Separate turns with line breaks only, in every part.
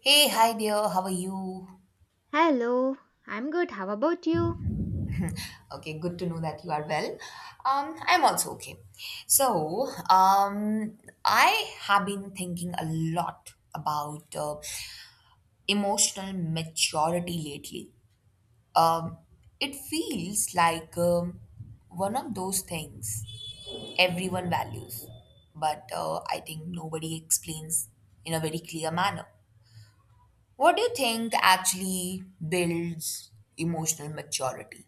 Hey, hi there. How are you?
Hello, I'm good. How about you?
Hmm. Okay, good to know that you are well. I'm also okay. So, I have been thinking a lot about emotional maturity lately. Um, it feels like one of those things everyone values, but I think nobody explains in a very clear manner. What do you think actually builds emotional maturity?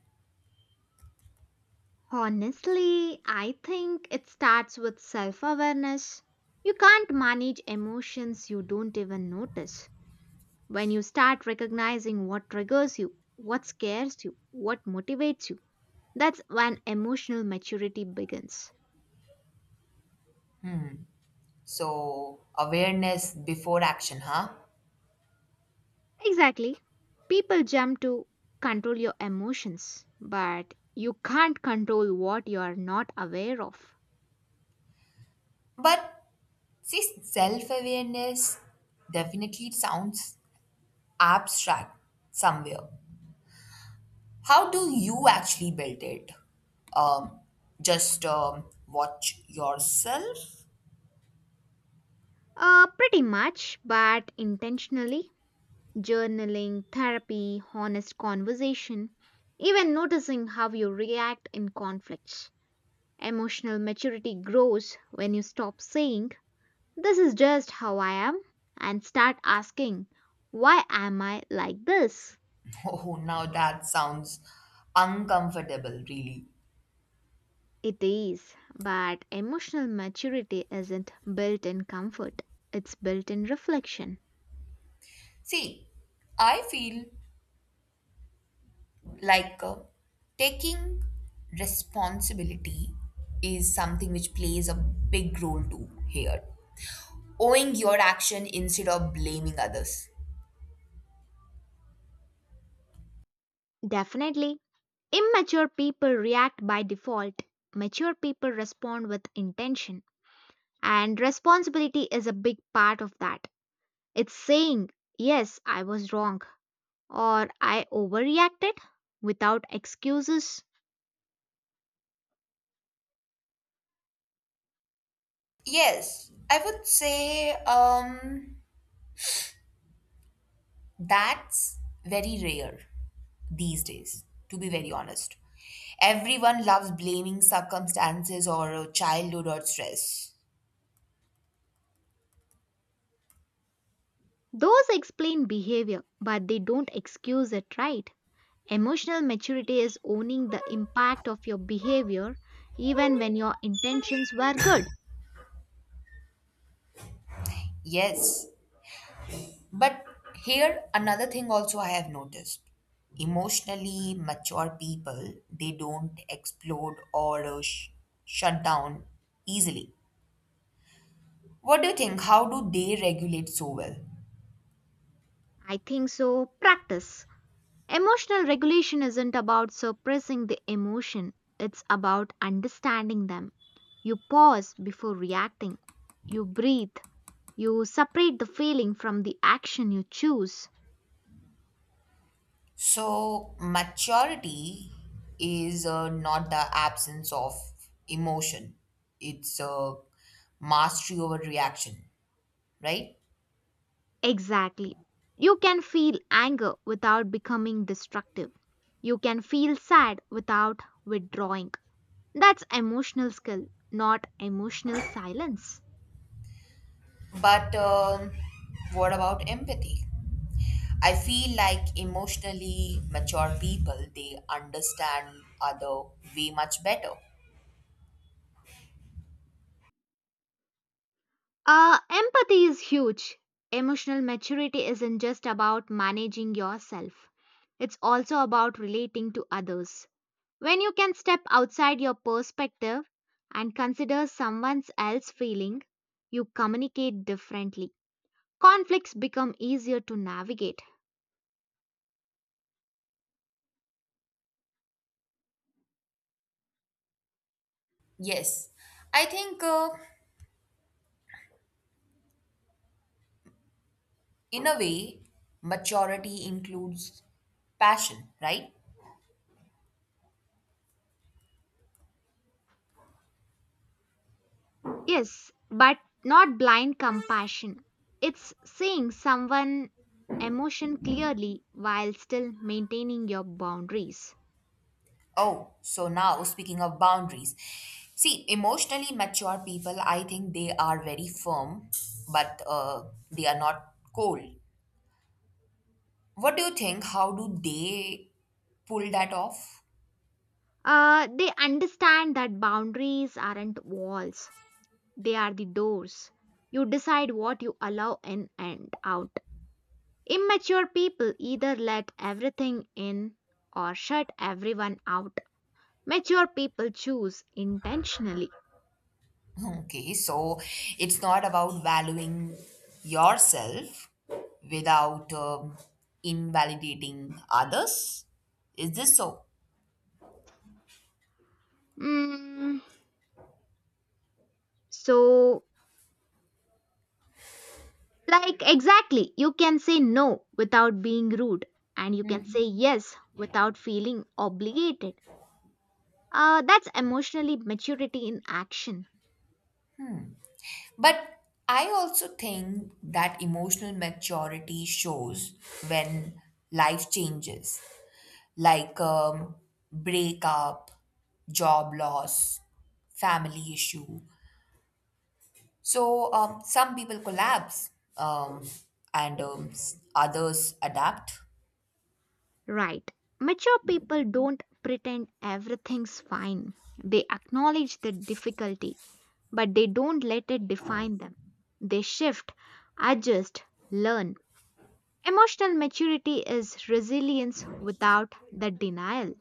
Honestly, I think it starts with self awareness. You can't manage emotions you don't even notice. When you start recognizing what triggers you, what scares you, what motivates you, that's when emotional maturity begins.
So, awareness before action, huh?
Exactly. People jump to control your emotions, but you can't control what you are not aware of.
But see, self awareness definitely sounds abstract somewhere. How do you actually build it? Um, just watch yourself?
Pretty much, but intentionally journaling, therapy, honest conversation, even noticing how you react in conflicts. Emotional maturity grows when you stop saying, this is just how I am, and start asking, why am I like this?
Oh, now that sounds uncomfortable, really.
It is, but emotional maturity isn't built in comfort, it's built in reflection.
See, I feel like taking responsibility is something which plays a big role too here, owing your action instead of blaming others.
Definitely, immature people react by default, mature people respond with intention. And responsibility is a big part of that. It's saying, yes, I was wrong or I overreacted without excuses.
Yes, I would say that's very rare these days, to be very honest. Everyone loves blaming circumstances or childhood or stress.
Those explain behavior, but they don't excuse it, right? Emotional maturity is owning the impact of your behavior even when your intentions were good.
Yes, but here another thing also I have noticed. Emotionally mature people, they don't explode or shut down easily. What do you think? How do they regulate so well?
I think so. Practice. Emotional regulation isn't about suppressing the emotion, it's about understanding them. You pause before reacting, you breathe, you separate the feeling from the action you choose.
So, maturity is not the absence of emotion, it's mastery over reaction, right?
Exactly. You can feel anger without becoming destructive. You can feel sad without withdrawing. That's emotional skill, not emotional silence.
But what about empathy? I feel like emotionally mature people they understand other way much better.
Empathy is huge. Emotional maturity isn't just about managing yourself, it's also about relating to others. When you can step outside your perspective and consider someone else's feeling, you communicate differently. Conflicts become easier to navigate.
Yes, I think in a way maturity includes passion, right?
Yes, but not blind compassion. It's seeing someone emotion clearly while still maintaining your boundaries.
Oh, so now speaking of boundaries. See, emotionally mature people, I think they are very firm, but they are not cold. What do you think? How do they pull that off?
They understand that boundaries aren't walls, they are the doors. You decide what you allow in and out. Immature people either let everything in or shut everyone out. Mature people choose intentionally.
Okay, so it's not about valuing yourself without invalidating others. Is this so?
Mm, so, like, exactly, you can say no without being rude, and you can say yes without feeling obligated. That's emotionally maturity in action.
But I also think that emotional maturity shows when life changes, like breakup, job loss, family issue. So some people collapse, um, others adapt.
Right. Mature people don't pretend everything's fine. They acknowledge the difficulty, but they don't let it define them. They shift, adjust, learn. Emotional maturity is resilience without the denial.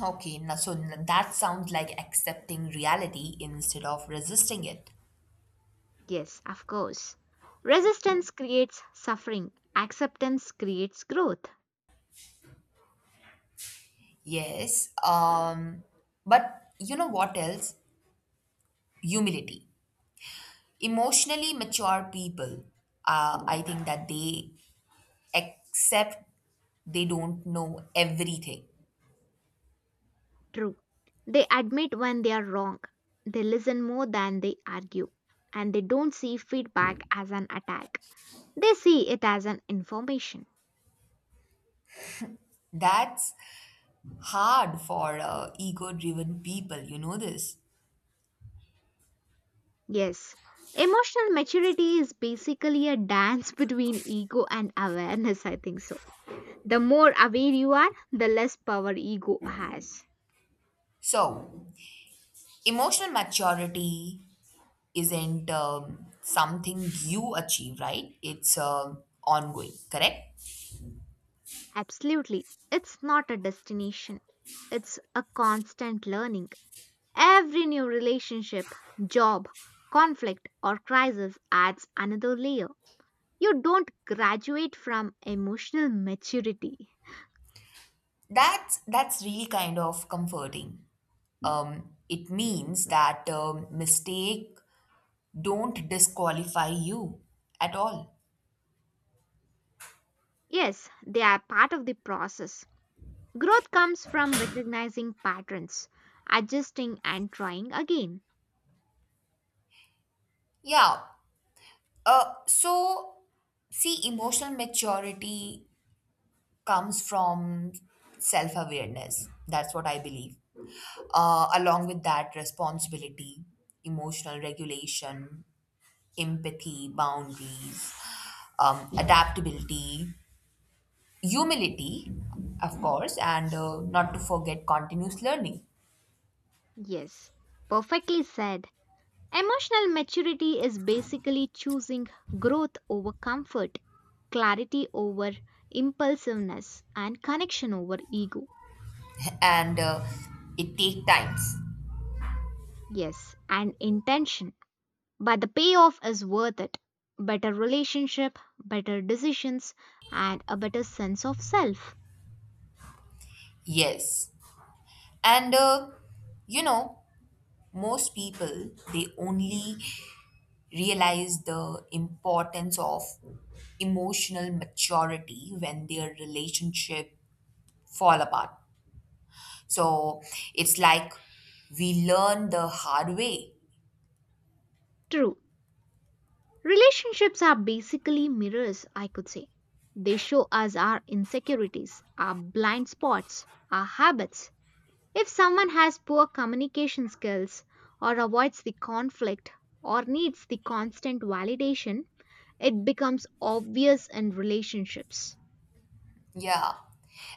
Okay, now, so that sounds like accepting reality instead of resisting it.
Yes, of course. Resistance creates suffering, acceptance creates growth.
Yes, but you know what else? Humility. Emotionally mature people, I think that they accept they don't know everything.
True. They admit when they are wrong, they listen more than they argue, and they don't see feedback as an attack. They see it as an information.
That's hard for ego driven people, you know this.
Yes, emotional maturity is basically a dance between ego and awareness, I think so. The more aware you are, the less power ego has.
So emotional maturity isn't something you achieve, right? It's ongoing, correct.
Absolutely. It's not a destination, it's a constant learning. Every new relationship, job, conflict, or crisis adds another layer. You don't graduate from emotional maturity.
That's really kind of comforting. It means that mistake don't disqualify you at all.
Yes, they are part of the process. Growth comes from recognizing patterns, adjusting, and trying again.
Yeah. So, see, emotional maturity comes from self awareness. That's what I believe. Along with that, responsibility, emotional regulation, empathy, boundaries, adaptability, humility, of course, and not to forget continuous learning.
Yes, perfectly said. Emotional maturity is basically choosing growth over comfort, clarity over impulsiveness, and connection over ego.
And it takes times.
Yes, and intention. But the payoff is worth it. Better relationship, better decisions, and a better sense of self.
Yes. And, you know, most people they only realize the importance of emotional maturity when their relationship fall apart, so it's like we learn the hard way.
True. Relationships are basically mirrors, I could say. They show us our insecurities, our blind spots, our habits. If someone has poor communication skills or avoids the conflict or needs the constant validation, it becomes obvious in relationships.
Yeah.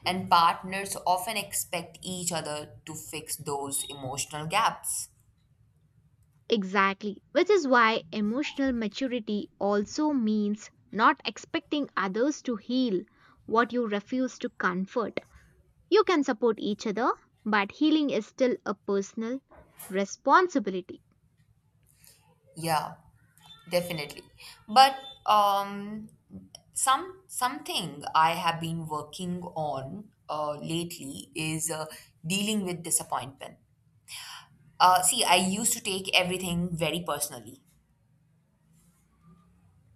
And partners often expect each other to fix those emotional gaps.
Exactly, which is why emotional maturity also means not expecting others to heal what you refuse to comfort. You can support each other, but healing is still a personal responsibility.
Yeah. Definitely. But um, something I have been working on lately is dealing with disappointment. See, I used to take everything very personally.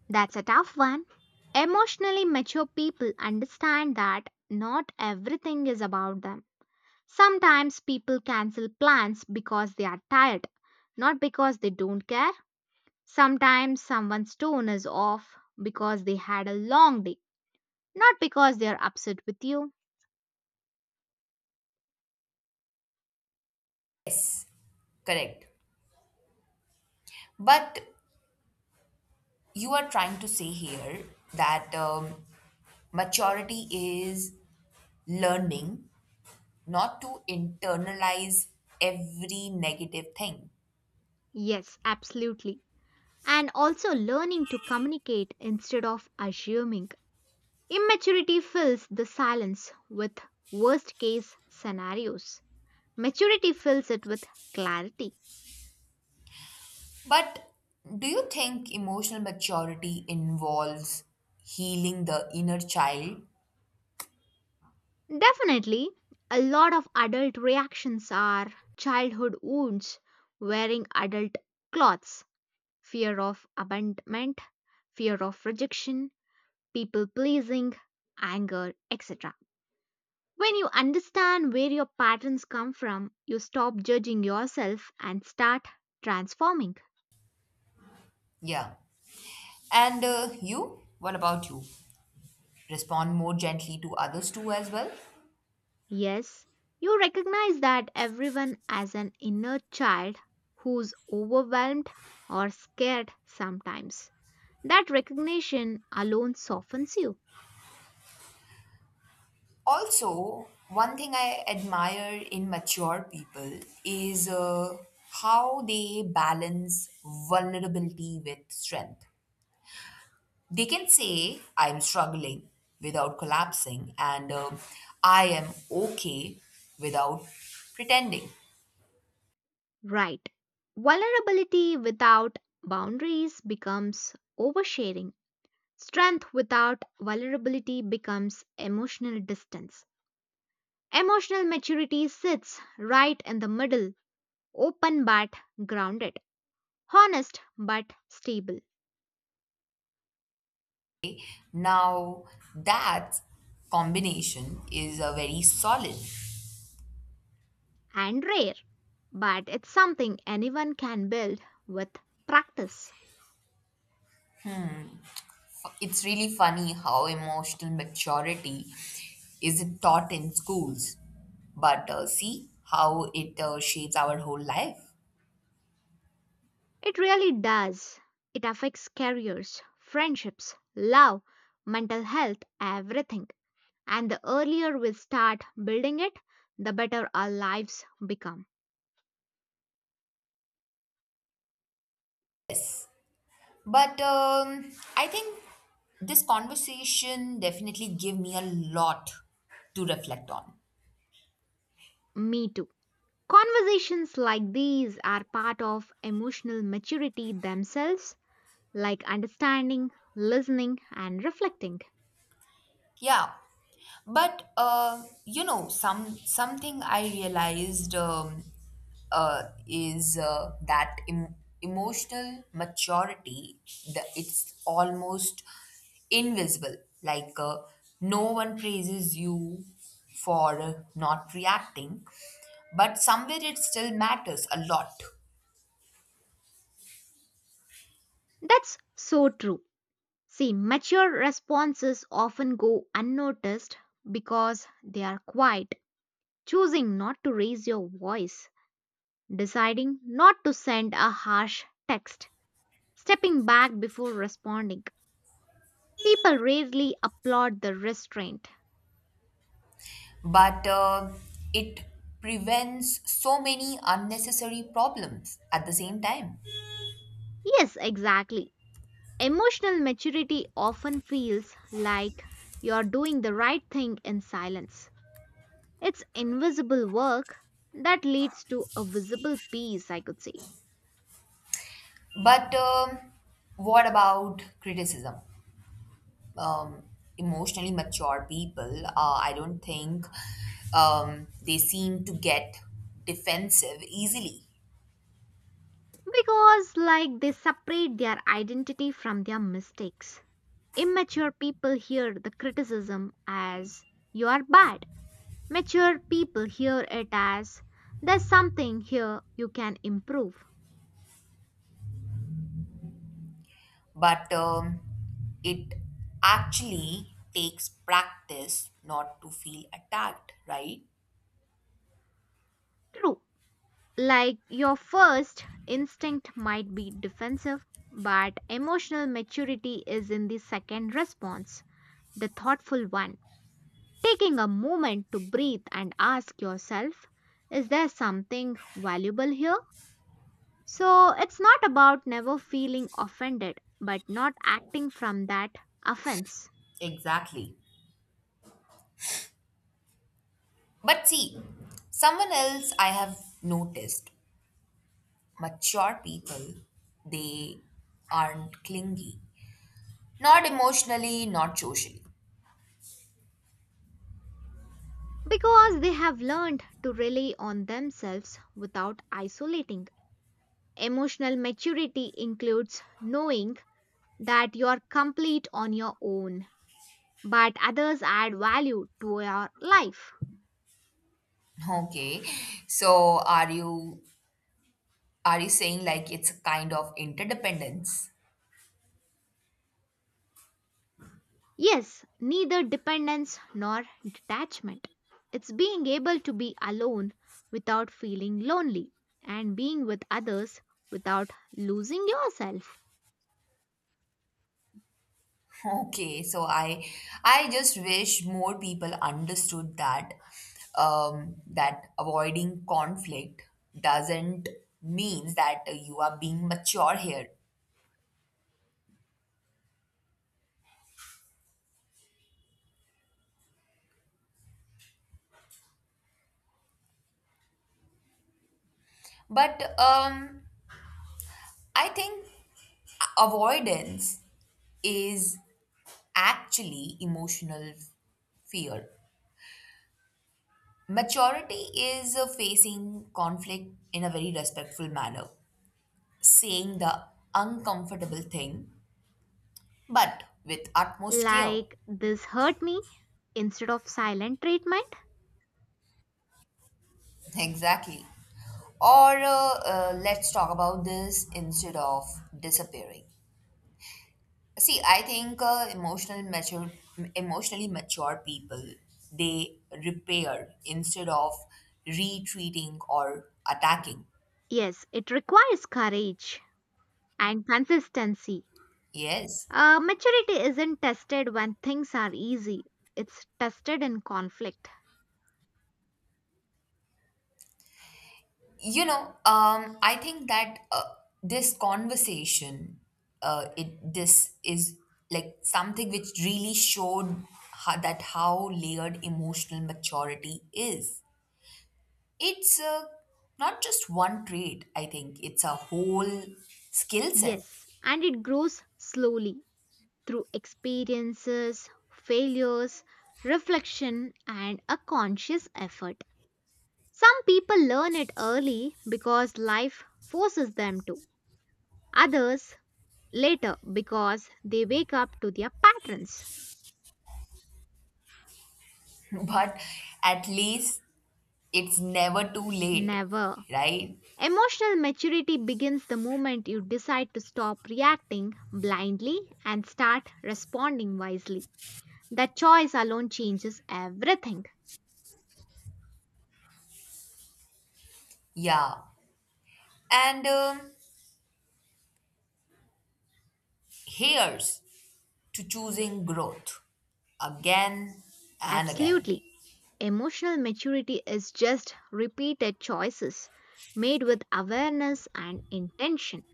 That's a tough one. Emotionally mature people understand that not everything is about them. Sometimes people cancel plans because they are tired, not because they don't care. Sometimes someone's tone is off because they had a long day, not because they are upset with you.
Yes, correct. But you are trying to say here that maturity is learning not to internalize every negative thing.
Yes, absolutely. And also learning to communicate instead of assuming. Immaturity fills the silence with worst case scenarios. Maturity fills it with clarity.
But do you think emotional maturity involves healing the inner child?
Definitely, a lot of adult reactions are childhood wounds, wearing adult clothes, fear of abandonment, fear of rejection, people pleasing, anger, etc. When you understand where your patterns come from, you stop judging yourself and start transforming.
Yeah. And you? What about you? Respond more gently to others too, as well?
Yes, you recognize that everyone has an inner child who's overwhelmed or scared sometimes. That recognition alone softens you.
Also, one thing I admire in mature people is how they balance vulnerability with strength. They can say, I'm struggling without collapsing, and I am okay without pretending.
Right. Vulnerability without boundaries becomes oversharing. Strength without vulnerability becomes emotional distance. Emotional maturity sits right in the middle, open but grounded, honest but stable.
Now, that combination is a very solid.
And rare, but it's something anyone can build with practice.
It's really funny how emotional maturity isn't taught in schools, but see how it shapes our whole life.
It really does. It affects careers, friendships, love, mental health, everything. And the earlier we start building it, the better our lives become.
Yes, but I think this conversation definitely gave me a lot to reflect on.
Me too. Conversations like these are part of emotional maturity themselves, like understanding, listening, and reflecting.
Yeah. But you know, something I realized, uh, is uh, that em- emotional maturity, it's almost invisible. Like no one praises you for not reacting, but somewhere it still matters a lot.
That's so true. See, mature responses often go unnoticed because they are quiet, choosing not to raise your voice, deciding not to send a harsh text, stepping back before responding. People rarely applaud the restraint.
But it prevents so many unnecessary problems at the same time.
Yes, exactly. Emotional maturity often feels like you're doing the right thing in silence. It's invisible work that leads to a visible peace, I could say.
But what about criticism? Um, Emotionally mature people, I don't think they seem to get defensive easily.
Because, like, they separate their identity from their mistakes. Immature people hear the criticism as you are bad. Mature people hear it as there's something here you can improve.
But it actually takes practice not to feel attacked, right?
True. Like, your first instinct might be defensive, but emotional maturity is in the second response, the thoughtful one. Taking a moment to breathe and ask yourself, is there something valuable here? So it's not about never feeling offended but not acting from that offense.
Exactly. But see, someone else I have noticed mature people, they aren't clingy. Not emotionally, not socially.
Because they have learned to rely on themselves without isolating. Emotional maturity includes knowing that you are complete on your own, but others add value to your life.
Okay. So are you saying like it's a kind of interdependence?
Yes, neither dependence nor detachment. It's being able to be alone without feeling lonely and being with others without losing yourself.
Okay. So I just wish more people understood that that avoiding conflict doesn't means that you are being mature here. But I think avoidance is actually emotional fear. Maturity is facing conflict in a very respectful manner, saying the uncomfortable thing, but with utmost care.
Like, this hurt me instead of silent treatment?
Exactly. Or let's talk about this instead of disappearing. See, I think emotionally mature people they repair instead of retreating or attacking.
Yes, it requires courage and consistency.
Yes.
Maturity isn't tested when things are easy, it's tested in conflict.
You know, I think that this conversation, it this is like something which really showed that how layered emotional maturity is. It's not just one trait, I think it's a whole skill set.
Yes, and it grows slowly through experiences, failures, reflection, and a conscious effort. Some people learn it early because life forces them to, others later because they wake up to their patterns.
But at least it's never too late,
Never.
right?
Emotional maturity begins the moment you decide to stop reacting blindly and start responding wisely. That choice alone changes everything.
Yeah. And here's to choosing growth again and again.
Absolutely. Emotional maturity is just repeated choices made with awareness and intention.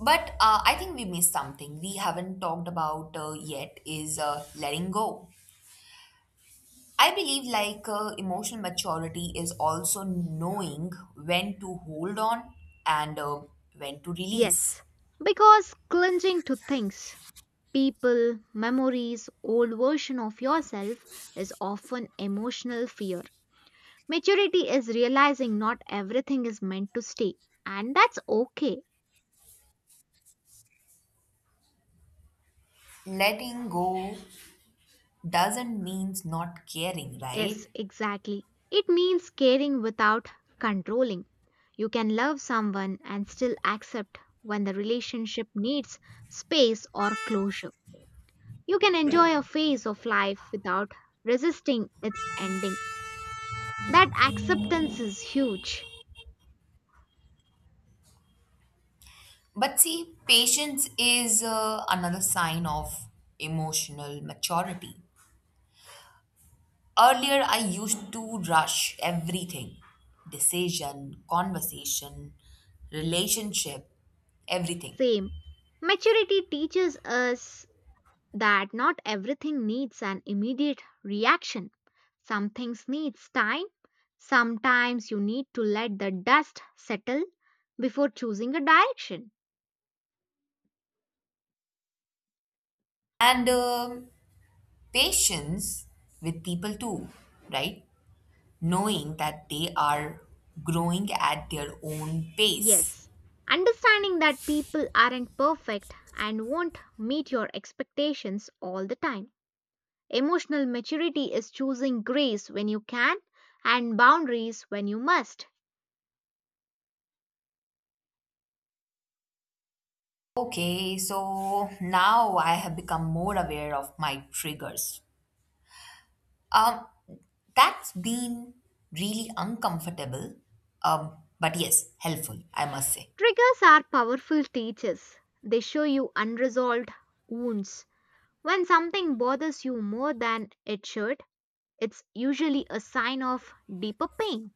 But I think we missed something we haven't talked about yet is letting go. I believe like emotional maturity is also knowing when to hold on and when to release.
Yes, because clinging to things, people, memories, old version of yourself is often emotional fear. Maturity is realizing not everything is meant to stay, and that's okay.
Letting go doesn't mean not caring,
Yes,
right?
exactly. It means caring without controlling. You can love someone and still accept when the relationship needs space or closure. You can enjoy a phase of life without resisting its ending. That acceptance is huge.
But see, patience is another sign of emotional maturity. Earlier, I used to rush everything: decision, conversation, relationship, everything.
Same. Maturity teaches us that not everything needs an immediate reaction. Some things needs time. Sometimes you need to let the dust settle before choosing a direction.
And patience with people too, right? Knowing that they are growing at their own pace.
Yes, understanding that people aren't perfect and won't meet your expectations all the time. Emotional maturity is choosing grace when you can and boundaries when you must.
Okay, so now I have become more aware of my triggers. Um, that's been really uncomfortable, but yes, helpful, I must say.
Triggers are powerful teachers. They show you unresolved wounds. When something bothers you more than it should, it's usually a sign of deeper pain.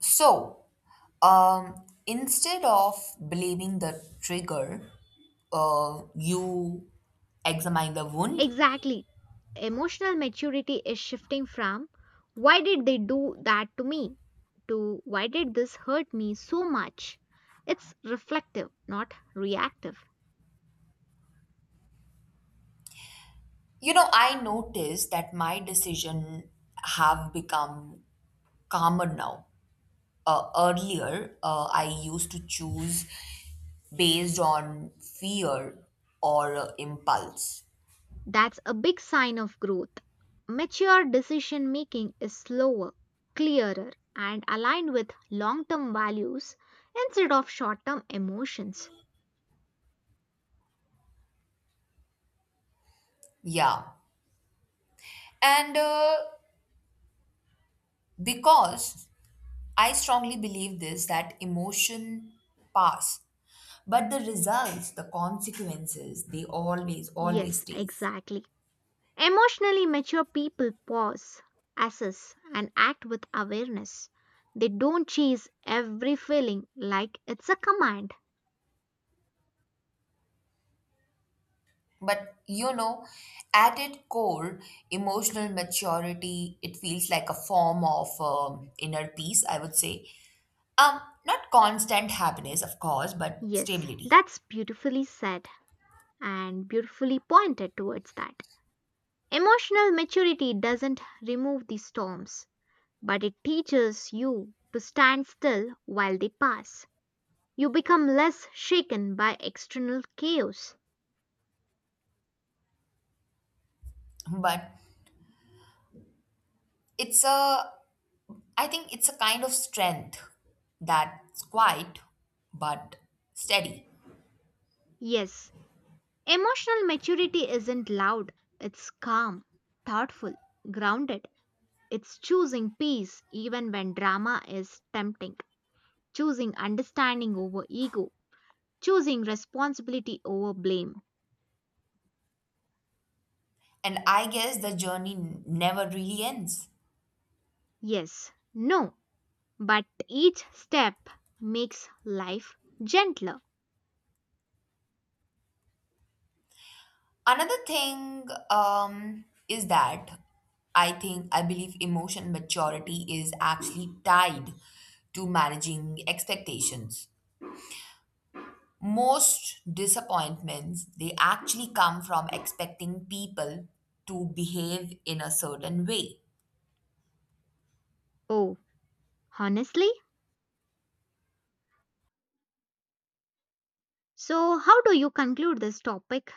So, um, instead of blaming the trigger, you examine the wound.
Exactly. Emotional maturity is shifting from why did they do that to me to why did this hurt me so much? It's reflective, not reactive.
You know, I noticed that my decision have become calmer now. Earlier, I used to choose based on fear or impulse.
That's a big sign of growth. Mature decision making is slower, clearer, and aligned with long term values instead of short term emotions.
Yeah. And because I strongly believe this, that emotion pass but the results, the consequences, they always always
Yes,
stays.
exactly. Emotionally mature people pause, assess, and act with awareness. They don't chase every feeling like it's a command.
But you know, at its core emotional maturity it feels like a form of inner peace, I would say. um Not constant happiness, of course, but
Yes,
stability.
that's beautifully said and beautifully pointed towards that. Emotional maturity doesn't remove the storms, but it teaches you to stand still while they pass. You become less shaken by external chaos.
But it's a, I think it's a kind of strength that's quiet but steady.
Yes, emotional maturity isn't loud, it's calm, thoughtful, grounded. It's choosing peace even when drama is tempting, choosing understanding over ego, choosing responsibility over blame.
And I guess the journey never really ends.
Yes, no, but each step makes life gentler.
Another thing is that I think I believe emotion maturity is actually tied to managing expectations. Most disappointments they actually come from expecting people to behave in a certain way.
Oh, honestly? So, how do you conclude this topic?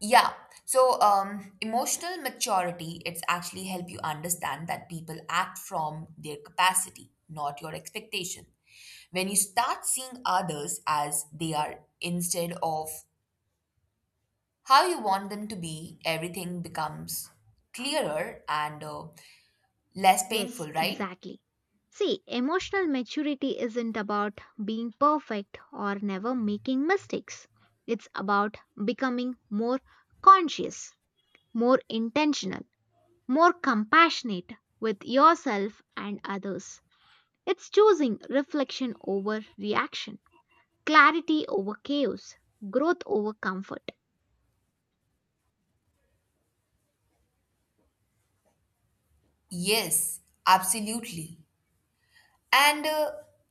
Yeah. So, emotional maturity, it's actually help you understand that people act from their capacity, not your expectation. When you start seeing others as they are instead of how you want them to be, everything becomes clearer and less
Yes,
painful, right?
exactly. See, emotional maturity isn't about being perfect or never making mistakes. It's about becoming more conscious, more intentional, more compassionate with yourself and others. It's choosing reflection over reaction, clarity over chaos, growth over comfort.
Yes, absolutely. And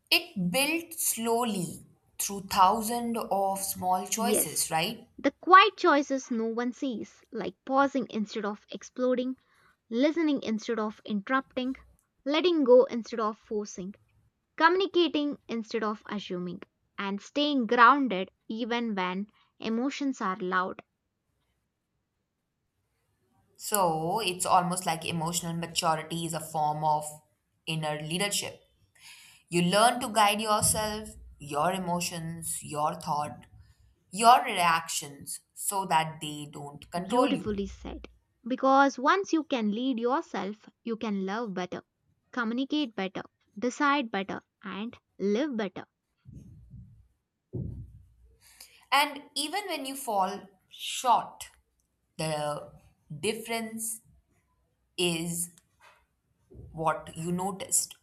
it built slowly through thousands of small
Yes,
choices, right?
the quiet choices no one sees, like pausing instead of exploding, listening instead of interrupting, letting go instead of forcing, communicating instead of assuming, and staying grounded even when emotions are loud.
So it's almost like emotional maturity is a form of inner leadership. You learn to guide yourself, your emotions, your thought, your reactions so that they don't control you.
Beautifully said. Because once you can lead yourself, you can love better, communicate better, decide better, and live better.
And even when you fall short, the difference is what you noticed.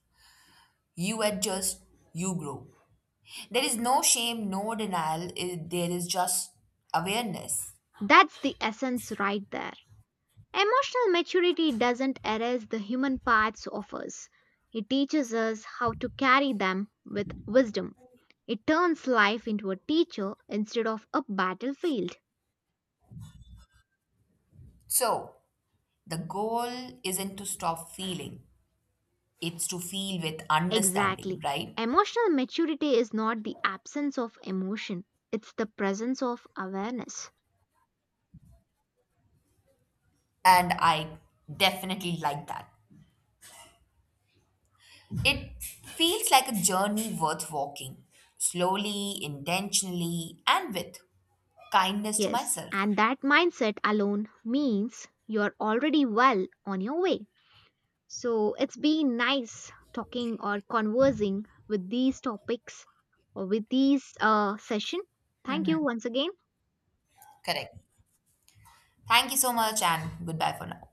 You adjust, you grow. There is no shame, no denial, there is just awareness.
That's the essence right there. Emotional maturity doesn't erase the human parts of us. It teaches us how to carry them with wisdom. It turns life into a teacher instead of a battlefield.
So, the goal isn't to stop feeling, it's to feel with understanding,
Exactly.
right?
Emotional maturity is not the absence of emotion, it's the presence of awareness.
And I definitely like that. It feels like a journey worth walking, slowly, intentionally, and with kindness to
Yes,
myself.
and that mindset alone means you're already well on your way. So it's been nice talking or conversing with these topics or with these session. Thank you once again.
Correct. Thank you so much, and goodbye for now.